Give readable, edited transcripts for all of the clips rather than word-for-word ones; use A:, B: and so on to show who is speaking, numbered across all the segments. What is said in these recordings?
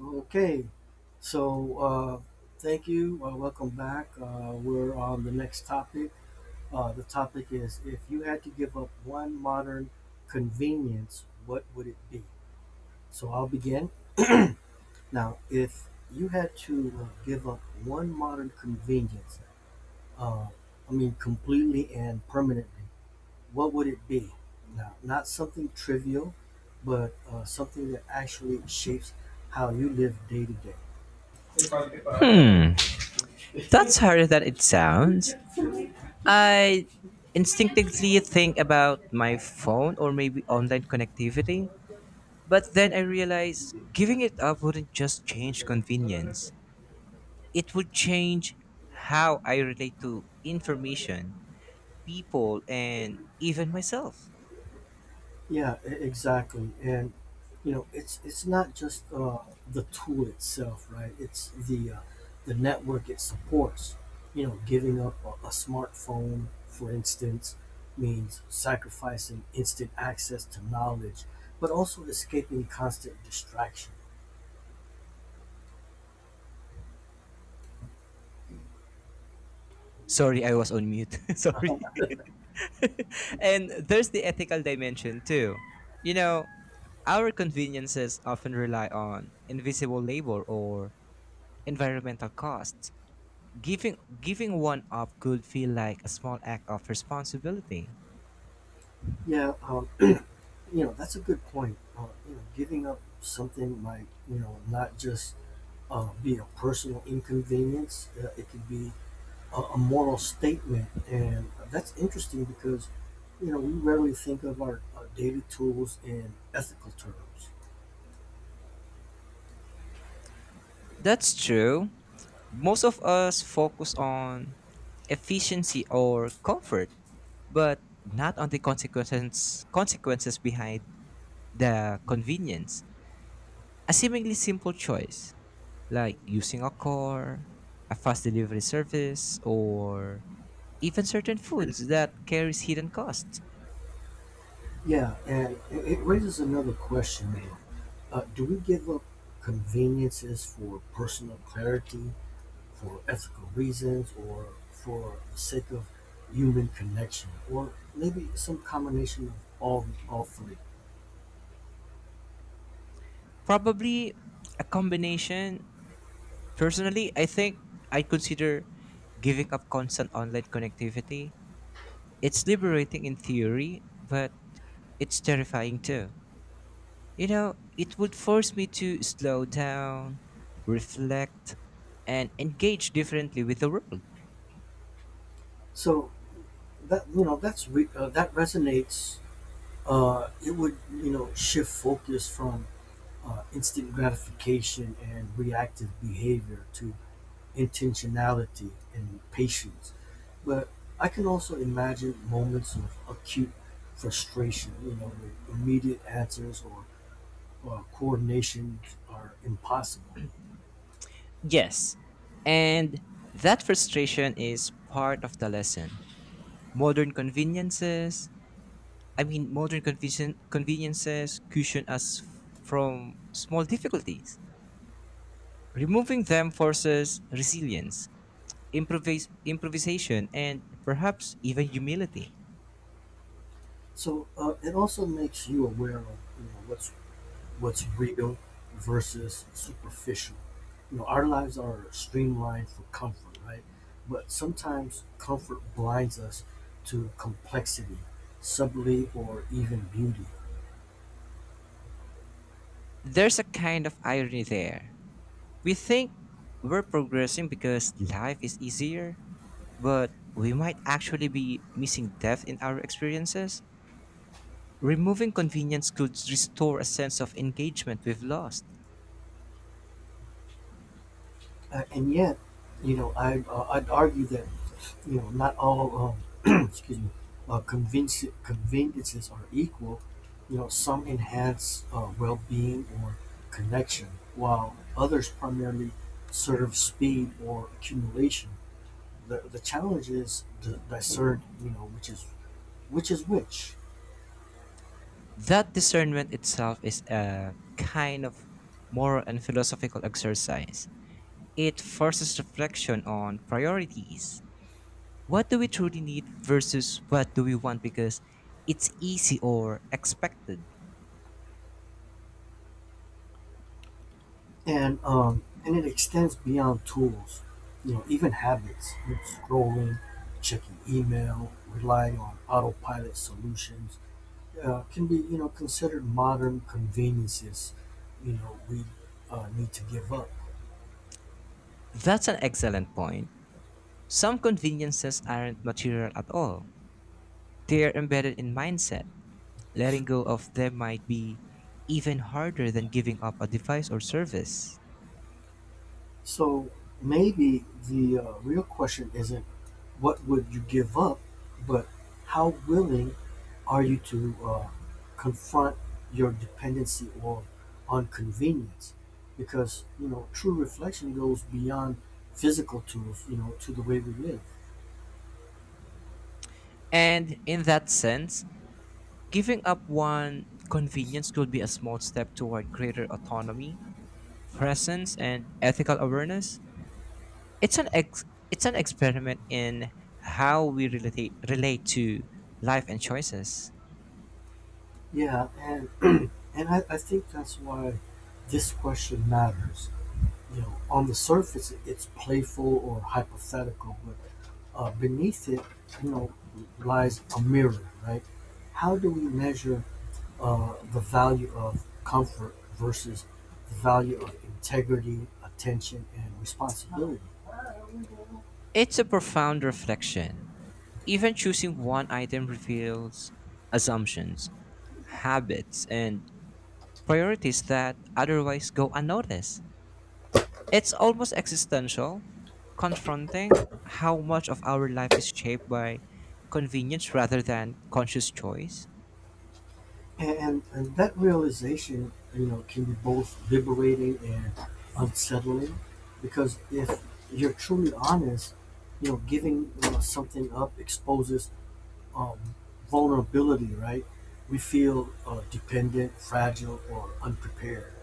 A: Okay, so uh, thank you. Welcome back. We're on the next topic. The topic is, if you had to give up one modern convenience, what would it be? So I'll begin. Now, if you had to give up one modern convenience, uh, I mean completely and permanently, what would it be? Now, not something trivial, but something that actually shapes how you live day to day.
B: Hmm, that's harder than it sounds. I instinctively think about my phone or maybe online connectivity, but then I realize giving it up wouldn't just change convenience, it would change how I relate to information, people, and even myself.
A: Yeah, exactly. And you know, it's not just the tool itself, right? It's the network it supports. You know, giving up a smartphone, for instance, means sacrificing instant access to knowledge, but also escaping constant distraction.
B: Sorry, I was on mute. Sorry. And there's the ethical dimension too. You know, our conveniences often rely on invisible labor or environmental costs. Giving one up could feel like a small act of responsibility.
A: Yeah, um, you know, that's a good point. You know, giving up something might, you know, not just be a personal inconvenience. It could be a moral statement. And that's interesting because, you know, we rarely think of our daily tools in ethical terms.
B: That's true. Most of us focus on efficiency or comfort, but not on the consequences behind the convenience. A seemingly simple choice, like using a car, a fast delivery service, or even certain foods that carries hidden costs.
A: Yeah, and it raises another question, though. Do we give up conveniences for personal clarity, for ethical reasons, or for the sake of human connection, or maybe some combination of all three?
B: Probably a combination. Personally, I think I'd consider giving up constant online connectivity. It's liberating in theory, but it's terrifying too. You know, it would force me to slow down, reflect, and engage differently with the world.
A: So that resonates. It would, you know, shift focus from instant gratification and reactive behavior to intentionality and patience. But I can also imagine moments of acute frustration, you know, where immediate answers or coordinations are impossible.
B: Yes, and that frustration is part of the lesson. Modern conveniences, I mean, modern conveni- conveniences cushion us from small difficulties. Removing them forces resilience, improvisation, and perhaps even humility.
A: So it also makes you aware of, you know, what's real versus superficial. You know, our lives are streamlined for comfort, right? But sometimes comfort blinds us to complexity, subtlety, or even beauty.
B: There's a kind of irony there. We think we're progressing because life is easier, but we might actually be missing depth in our experiences. Removing convenience could restore a sense of engagement we've lost.
A: And yet, you know, I'd argue that, you know, not all excuse me, conveniences are equal. You know, some enhance well-being or connection, while others primarily serve speed or accumulation. The challenge is to discern, you know, which is which.
B: That discernment itself is a kind of moral and philosophical exercise. It forces reflection on priorities. What do we truly need versus what do we want because it's easy or expected?
A: And and it extends beyond tools, you know, even habits, you know, scrolling, checking email, relying on autopilot solutions can be, you know, considered modern conveniences, you know, we need to give up.
B: That's an excellent point. Some conveniences aren't material at all, they're embedded in mindset. Letting go of them might be even harder than giving up a device or service.
A: So maybe the real question isn't what would you give up, but how willing are you to confront your dependency or on convenience? Because you know, true reflection goes beyond physical tools, you know, to the way we live.
B: And in that sense, giving up one convenience could be a small step toward greater autonomy, presence, and ethical awareness. It's an ex- it's an experiment in how we relate to life and choices.
A: Yeah, and and I think that's why this question matters. You know, on the surface it's playful or hypothetical, but beneath it, you know, lies a mirror, right? How do we measure the value of comfort versus the value of integrity, attention, and responsibility?
B: It's a profound reflection. Even choosing one item reveals assumptions, habits, and priorities that otherwise go unnoticed. It's almost existential, confronting how much of our life is shaped by convenience rather than conscious choice.
A: And that realization, you know, can be both liberating and unsettling, because if you're truly honest, you know, giving something up exposes um, vulnerability, right? We feel dependent, fragile, or unprepared.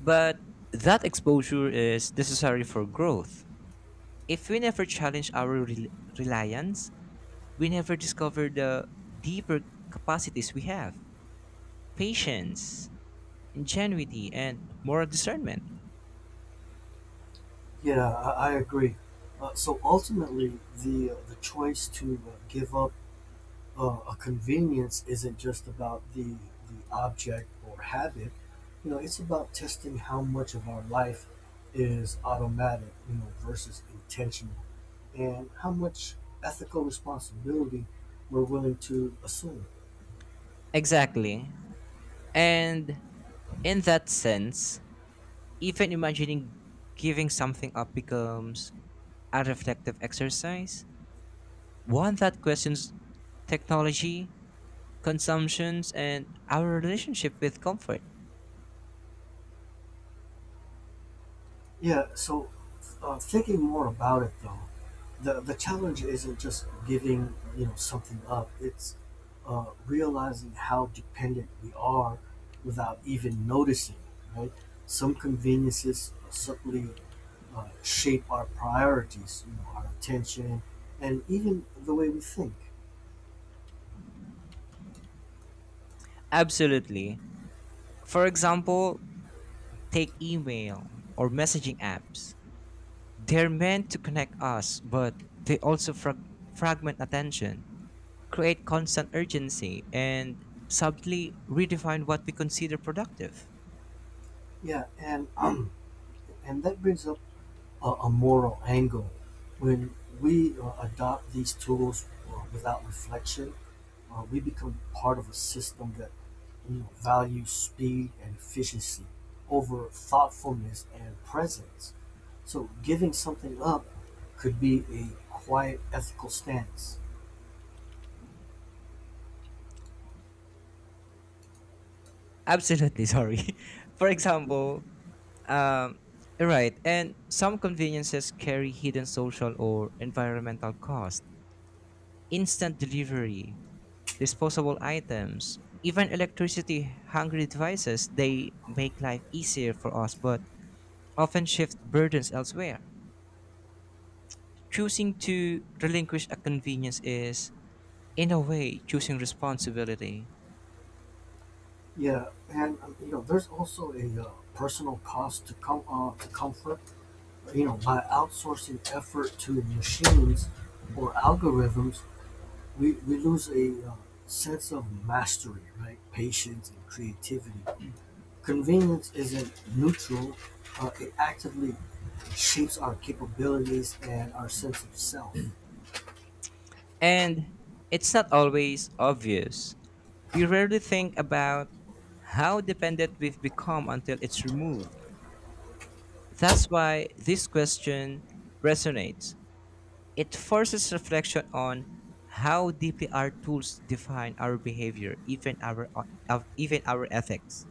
B: But that exposure is necessary for growth. If we never challenge our reliance, we never discover the deeper capacities we have: patience, ingenuity, and moral discernment.
A: Yeah, I agree. So ultimately, the choice to give up a convenience isn't just about the object or habit. You know, it's about testing how much of our life is automatic, you know, versus intentional, and how much ethical responsibility we're willing to assume.
B: Exactly. And in that sense, even imagining giving something up becomes a reflective exercise, one that questions technology, consumptions, and our relationship with comfort.
A: Yeah, so Thinking more about it though, the challenge isn't just giving, you know, something up. It's realizing how dependent we are without even noticing. Right? Some conveniences certainly shape our priorities, you know, our attention, and even the way we think.
B: Absolutely. For example, take email or messaging apps. They're meant to connect us, but they also fragment attention, create constant urgency, and subtly redefine what we consider productive.
A: Yeah, and and that brings up a moral angle. When we adopt these tools without reflection, we become part of a system that, you know, values speed and efficiency over thoughtfulness and presence. So giving something up could be a quiet ethical stance.
B: Absolutely, sorry. For example, Um, right, and some conveniences carry hidden social or environmental cost. Instant delivery, disposable items, even electricity hungry devices, they make life easier for us but often shift burdens elsewhere. Choosing to relinquish a convenience is, in a way, choosing responsibility.
A: Yeah, and you know, there's also a personal cost to comfort. You know, by outsourcing effort to machines or algorithms, we lose a sense of mastery, right? Patience and creativity. Convenience isn't neutral, it actively shapes our capabilities and our sense of self.
B: And it's not always obvious. We rarely think about how dependent we've become until it's removed. That's why this question resonates. It forces reflection on how deeply our tools define our behavior, even our ethics.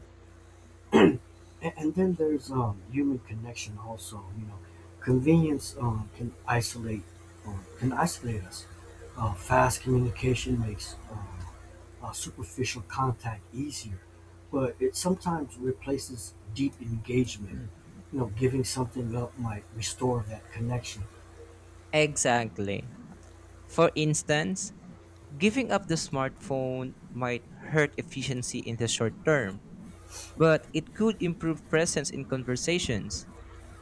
A: And then there's human connection also, you know, convenience can isolate us. Fast communication makes superficial contact easier, but it sometimes replaces deep engagement. You know, giving something up might restore that connection.
B: Exactly. For instance, giving up the smartphone might hurt efficiency in the short term, but it could improve presence in conversations,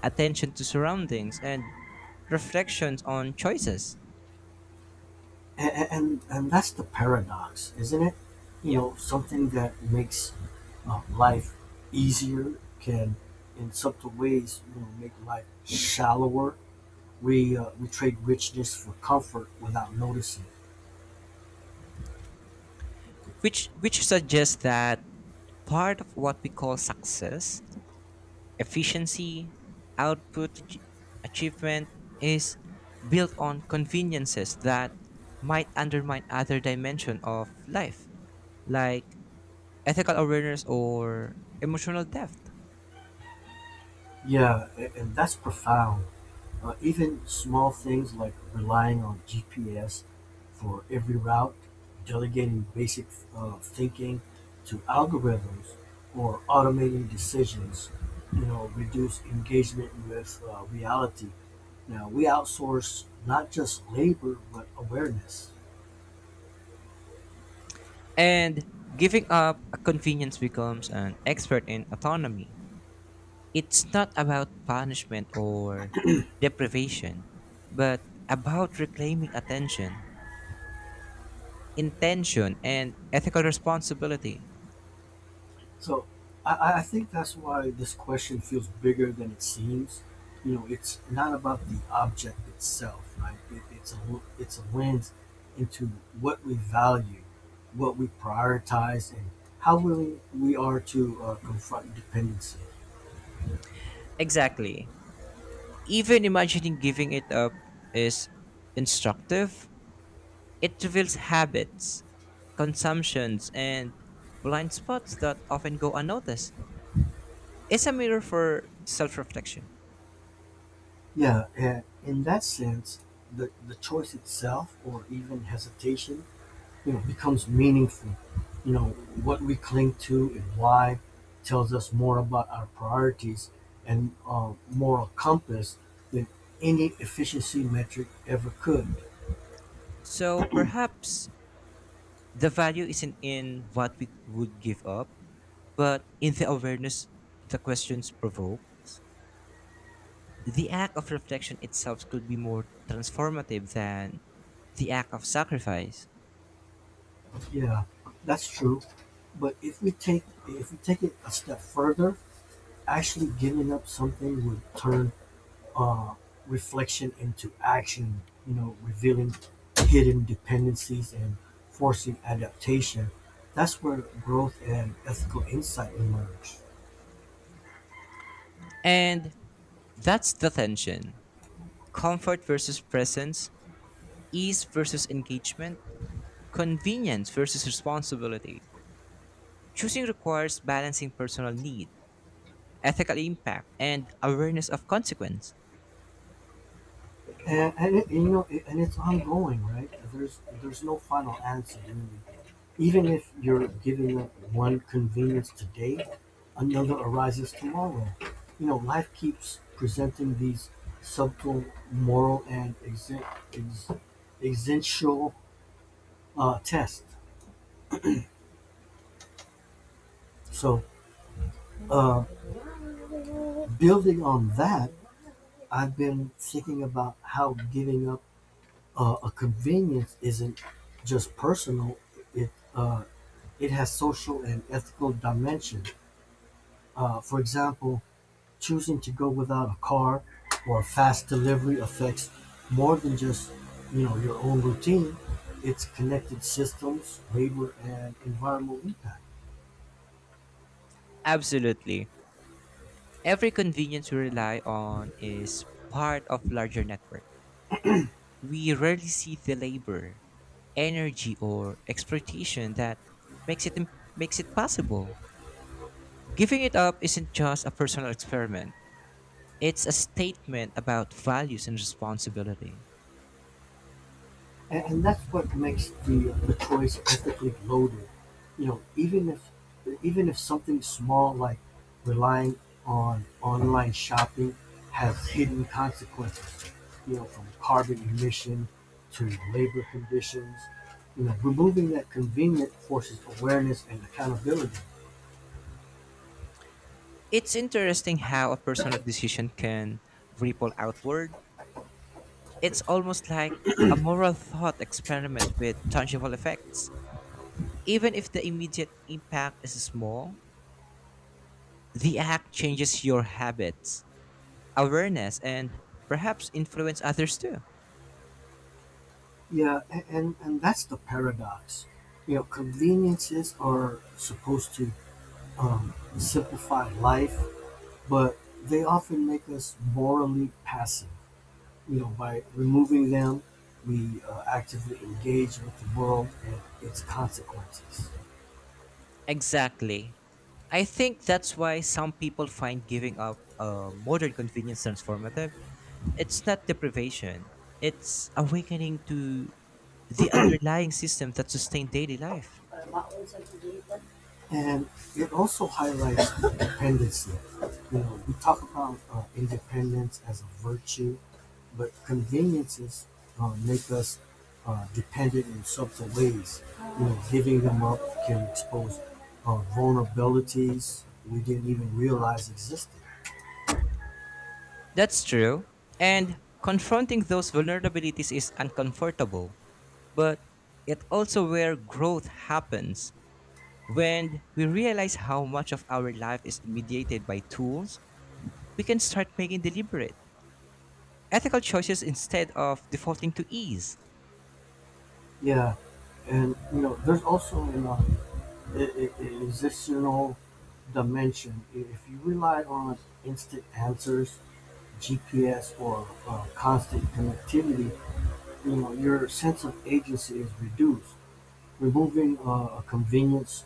B: attention to surroundings, and reflections on choices.
A: And that's the paradox, isn't it? You
B: Yeah.
A: know, something that makes life easier can, in subtle ways, you know, make life shallower. We trade richness for comfort without noticing.
B: Which suggests that part of what we call success, efficiency, output, achievement, is built on conveniences that might undermine other dimension of life, like ethical awareness or emotional depth.
A: Yeah, and that's profound. Even small things, like relying on GPS for every route, delegating basic thinking to algorithms, or automating decisions, you know, reduce engagement with reality. Now, we outsource not just labor, but awareness.
B: And giving up a convenience becomes an expert in autonomy. It's not about punishment or deprivation, but about reclaiming attention, intention, and ethical responsibility.
A: So I think that's why this question feels bigger than it seems. You know, it's not about the object itself, right? It's a lens into what we value, what we prioritize, and how willing we are to confront dependency.
B: Exactly. Even imagining giving it up is instructive. It reveals habits, consumptions, and blind spots that often go unnoticed. It's a mirror for self reflection.
A: Yeah, and in that sense, the choice itself, or even hesitation, you know, becomes meaningful. You know, what we cling to and why tells us more about our priorities and moral compass than any efficiency metric ever could.
B: So perhaps the value isn't in what we would give up, but in the awareness the questions provoke. The act of reflection itself could be more transformative than the act of sacrifice.
A: Yeah, that's true. But if we take it a step further, actually giving up something would turn uh, reflection into action, you know, revealing hidden dependencies and forcing adaptation. That's where growth and ethical insight emerge.
B: And that's the tension: comfort versus presence, ease versus engagement, convenience versus responsibility. Choosing requires balancing personal need, ethical impact, and awareness of consequence.
A: And, it, you know, it, and it's ongoing, right? There's no final answer. Really. Even if you're giving up one convenience today, another arises tomorrow. You know, life keeps presenting these subtle moral and ex- existential test. So, uh, building on that, I've been thinking about how giving up a convenience isn't just personal; it it has social and ethical dimension. For example, choosing to go without a car or fast delivery affects more than just, you know, your own routine. It's connected systems, labor, and environmental impact.
B: Absolutely. Every convenience we rely on is part of larger network. We rarely see the labor, energy or exploitation that makes it makes it possible. Giving it up isn't just a personal experiment. It's a statement about values and responsibility.
A: And that's what makes the choice ethically loaded. You know, even if something small like relying on online shopping has hidden consequences. You know, from carbon emission to labor conditions. You know, removing that convenience forces awareness and accountability.
B: It's interesting how a personal decision can ripple outward. It's almost like a moral thought experiment with tangible effects. Even if the immediate impact is small, the act changes your habits, awareness, and perhaps influence others too.
A: Yeah, and that's the paradox. You know, conveniences are supposed to simplify life, but they often make us morally passive. You know, by removing them, we actively engage with the world and its consequences.
B: Exactly. I think that's why some people find giving up a modern convenience transformative. It's not deprivation, it's awakening to the underlying system that sustain daily life.
A: And it also highlights independence. You know, we talk about independence as a virtue, but conveniences make us dependent in subtle ways. You know, giving them up can expose vulnerabilities we didn't even realize existed.
B: That's true. And confronting those vulnerabilities is uncomfortable, but it also where growth happens. When we realize how much of our life is mediated by tools, we can start making deliberate, ethical choices instead of defaulting to ease.
A: Yeah, and you know, there's also in existential dimension. If you rely on instant answers, GPS, or constant connectivity, you know your sense of agency is reduced. Removing a convenience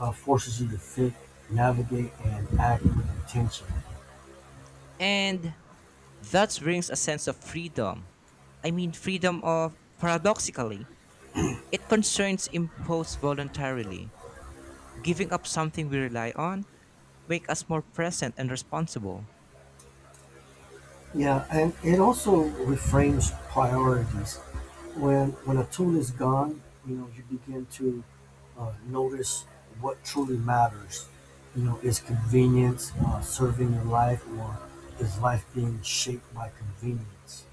A: forces you to think, navigate, and act with intention.
B: And that brings a sense of freedom. I mean, freedom of paradoxically, it concerns imposed voluntarily. Giving up something we rely on make us more present and responsible.
A: Yeah, and it also reframes priorities. When a tool is gone, you know, you begin to notice what truly matters. You know, is convenience serving your life, or is life being shaped by convenience?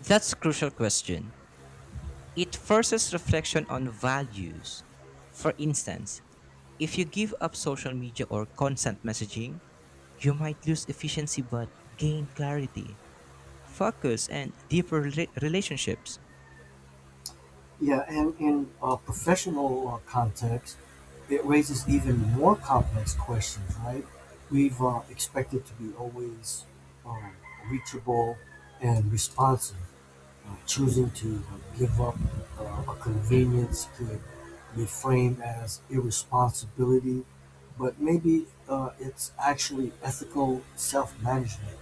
B: That's a crucial question. It forces reflection on values. For instance, if you give up social media or consent messaging, you might lose efficiency but gain clarity, focus, and deeper relationships.
A: Yeah, and in a professional context, it raises even more complex questions, right? We've expected to be always um, reachable and responsive. Choosing to give up a convenience could be framed as irresponsibility, but maybe it's actually ethical self-management.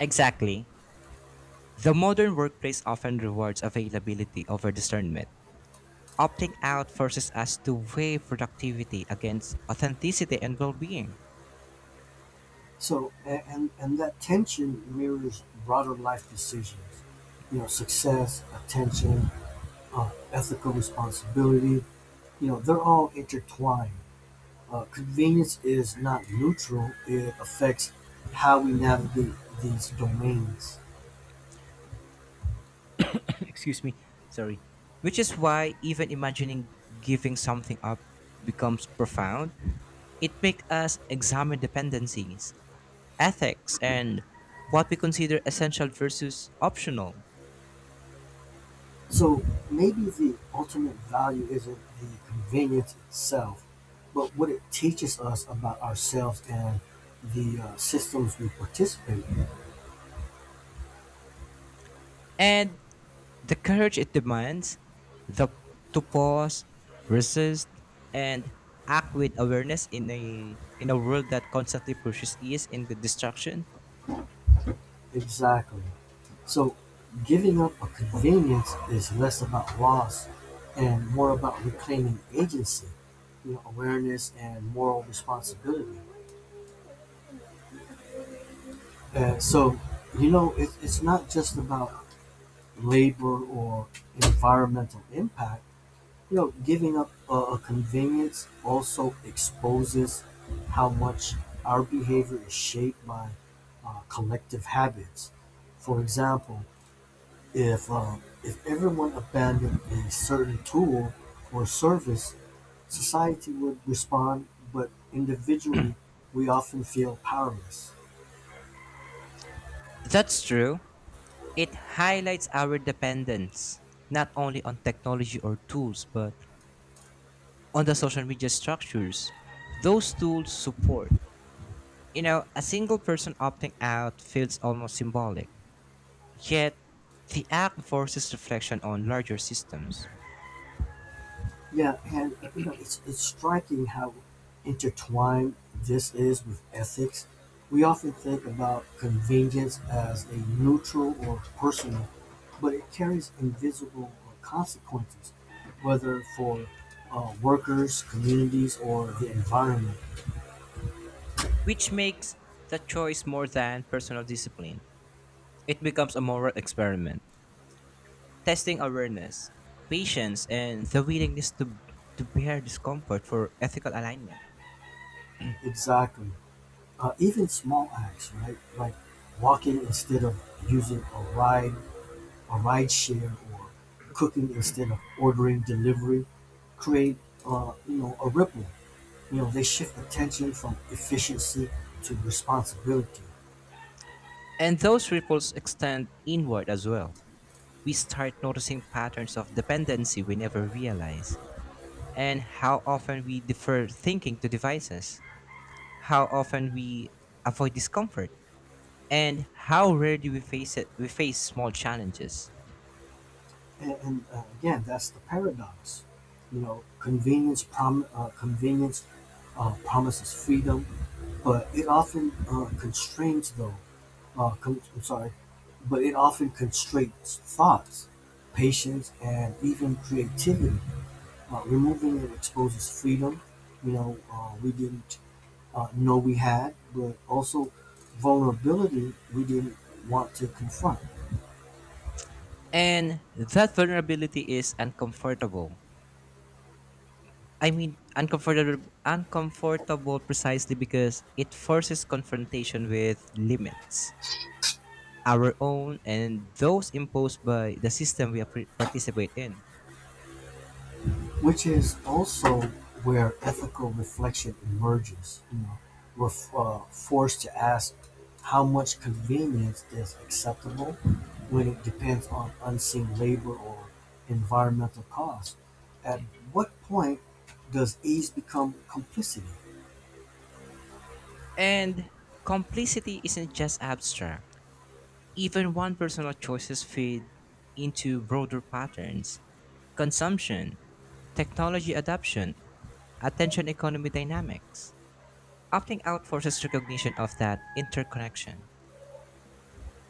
B: Exactly. The modern workplace often rewards availability over discernment. Opting out forces us to weigh productivity against authenticity and well being.
A: So, and that tension mirrors broader life decisions. You know, success, attention, ethical responsibility. You know, they're all intertwined. Convenience is not neutral; it affects how we navigate these domains.
B: Excuse me, sorry. Which is why even imagining giving something up becomes profound. It makes us examine dependencies, ethics, and what we consider essential versus optional.
A: So maybe the ultimate value isn't the convenience itself, but what it teaches us about ourselves and the systems we participate in.
B: And the courage it demands, the to pause, resist, and act with awareness in a world that constantly pushes ease into destruction.
A: Exactly. So giving up a convenience is less about loss and more about reclaiming agency, you know, awareness and moral responsibility. And so, you know, it's not just about labor or environmental impact. You know, giving up a convenience also exposes how much our behavior is shaped by collective habits. For example, if uh, if everyone abandoned a certain tool or service, society would respond, but individually, we often feel powerless.
B: That's true. It highlights our dependence not only on technology or tools, but on the social media structures those tools support. You know, a single person opting out feels almost symbolic. Yet the act forces reflection on larger systems.
A: Yeah, and you know, it's striking how intertwined this is with ethics. We often think about convenience as a neutral or personal, but it carries invisible consequences, whether for workers, communities, or the environment.
B: Which makes the choice more than personal discipline. It becomes a moral experiment, testing awareness, patience, and the willingness to bear discomfort for ethical alignment.
A: Exactly. Even small acts, right? Like walking instead of using a ride a rideshare, or cooking instead of ordering delivery, create you know, a ripple. You know, they shift attention from efficiency to responsibility.
B: And those ripples extend inward as well. We start noticing patterns of dependency we never realize, and how often we defer thinking to devices, how often we avoid discomfort, and how rarely we face small challenges.
A: And again, that's the paradox. You know, convenience promises freedom, but it often constrains though. I'm sorry, but it often constrains thoughts, patience, and even creativity. Removing it exposes freedom, we didn't know we had, but also vulnerability we didn't want to confront,
B: And that vulnerability is uncomfortable. Uncomfortable precisely because it forces confrontation with limits, our own and those imposed by the system we participate in.
A: which is also where ethical reflection emerges. You know, we're forced to ask how much convenience is acceptable when it depends on unseen labor or environmental costs. At what point does ease become complicity?
B: And complicity isn't just abstract. Even one personal choices feed into broader patterns: consumption, technology adoption, attention economy dynamics. Opting out forces recognition of that interconnection.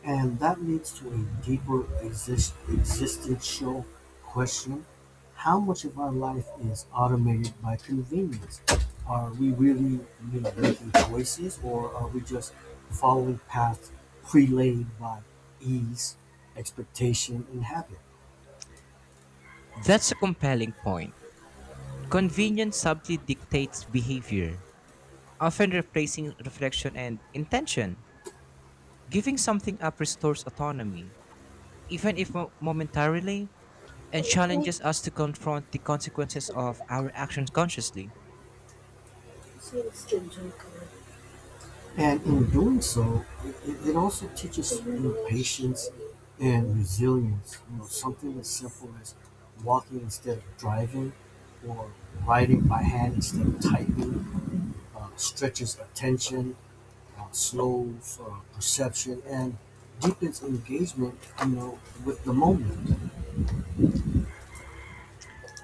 A: And that leads to a deeper existential question. How much of our life is automated by convenience? Are we really, you know, making choices, or are we just following paths prelaid by ease, expectation, and habit?
B: That's a compelling point. Convenience subtly dictates behavior, often replacing reflection and intention. Giving something up restores autonomy, even if momentarily, and challenges us to confront the consequences of our actions consciously.
A: And in doing so, it also teaches, you know, patience and resilience. You know, something as simple as walking instead of driving, or writing by hand instead of typing, stretches attention, slows perception, and deepens engagement. You know, with the moment.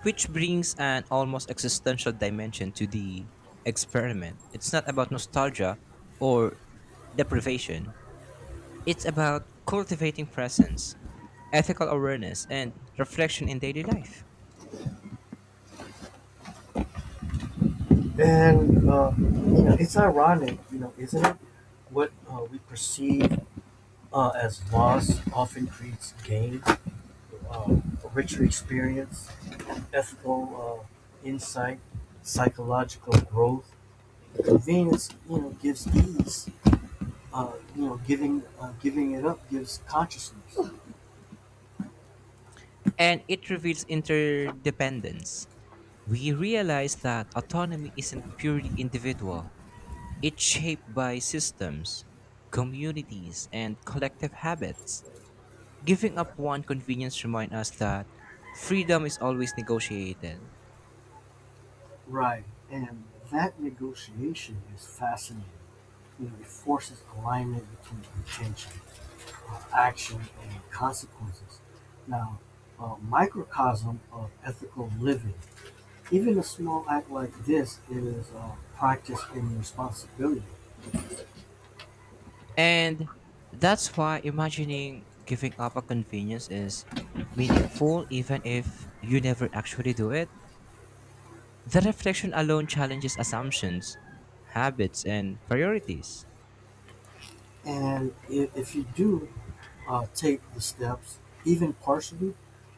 B: Which brings an almost existential dimension to the experiment. It's not about nostalgia or deprivation, it's about cultivating presence, ethical awareness, and reflection in daily life.
A: And you know, it's ironic, you know, isn't it? What we perceive as loss often creates gain, a richer experience, ethical insight, psychological growth. Convenience, you know, gives ease. You know, giving it up gives consciousness.
B: And it reveals interdependence. We realize that autonomy isn't purely individual, it's shaped by systems, communities, and collective habits. Giving up one convenience reminds us that freedom is always negotiated.
A: Right, and that negotiation is fascinating. You know, it forces alignment between intention, action, and consequences. Now, a microcosm of ethical living, even a small act like this, is practice and responsibility.
B: And that's why imagining giving up a convenience is meaningful even if you never actually do it. The reflection alone challenges assumptions, habits, and priorities.
A: And if you do take the steps, even partially,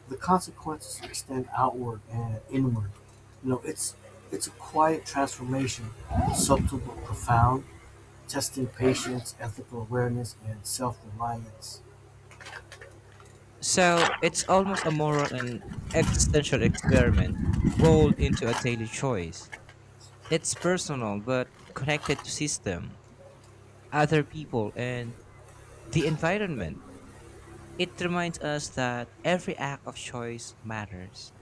A: the consequences extend outward and inward. You know, it's a quiet transformation, subtle but profound, testing patience, ethical awareness, and self-reliance.
B: So it's almost a moral and existential experiment rolled into a daily choice. It's personal but connected to system, other people, and the environment. It reminds us that every act of choice matters.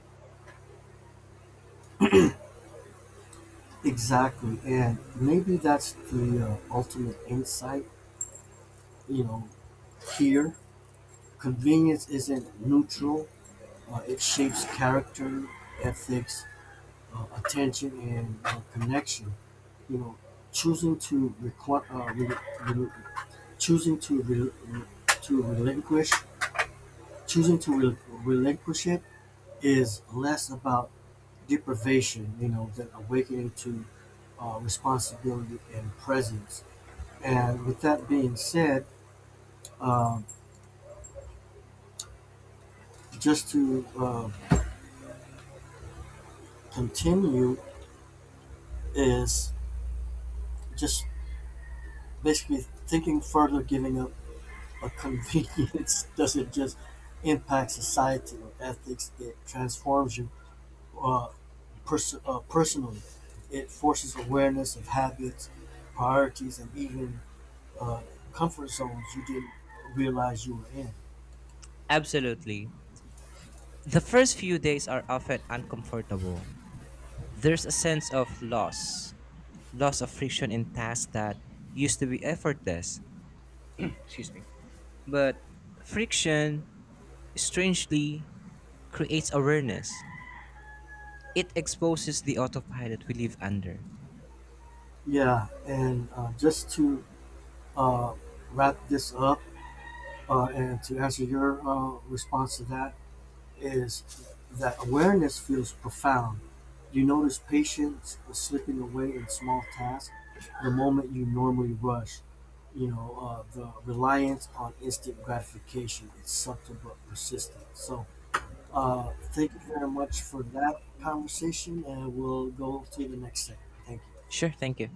A: Exactly, and maybe that's the ultimate insight. You know, here. Convenience isn't neutral; it shapes character, ethics, attention, and connection. You know, choosing to requ- re- re- choosing to re- re- to relinquish choosing to relinquish it is less about deprivation, you know, than awakening to responsibility and presence. And with that being said, um, just to continue is just basically thinking further, giving up a convenience doesn't just impact society or ethics, it transforms you uh, personally. It forces awareness of habits, priorities, and even uh, comfort zones you didn't realize you were in.
B: Absolutely. The first few days are often uncomfortable. There's a sense of loss, loss of friction in tasks that used to be effortless. Excuse me. But friction, strangely, creates awareness. It exposes the autopilot we live under.
A: Yeah, and just to uh, wrap this up and to answer your response to that, is that awareness feels profound. You notice patience is slipping away in small tasks, the moment you normally rush. You know, the reliance on instant gratification is subtle but persistent. So, thank you very much for that conversation, and we'll go to the next segment. Thank you.
B: Sure, thank you.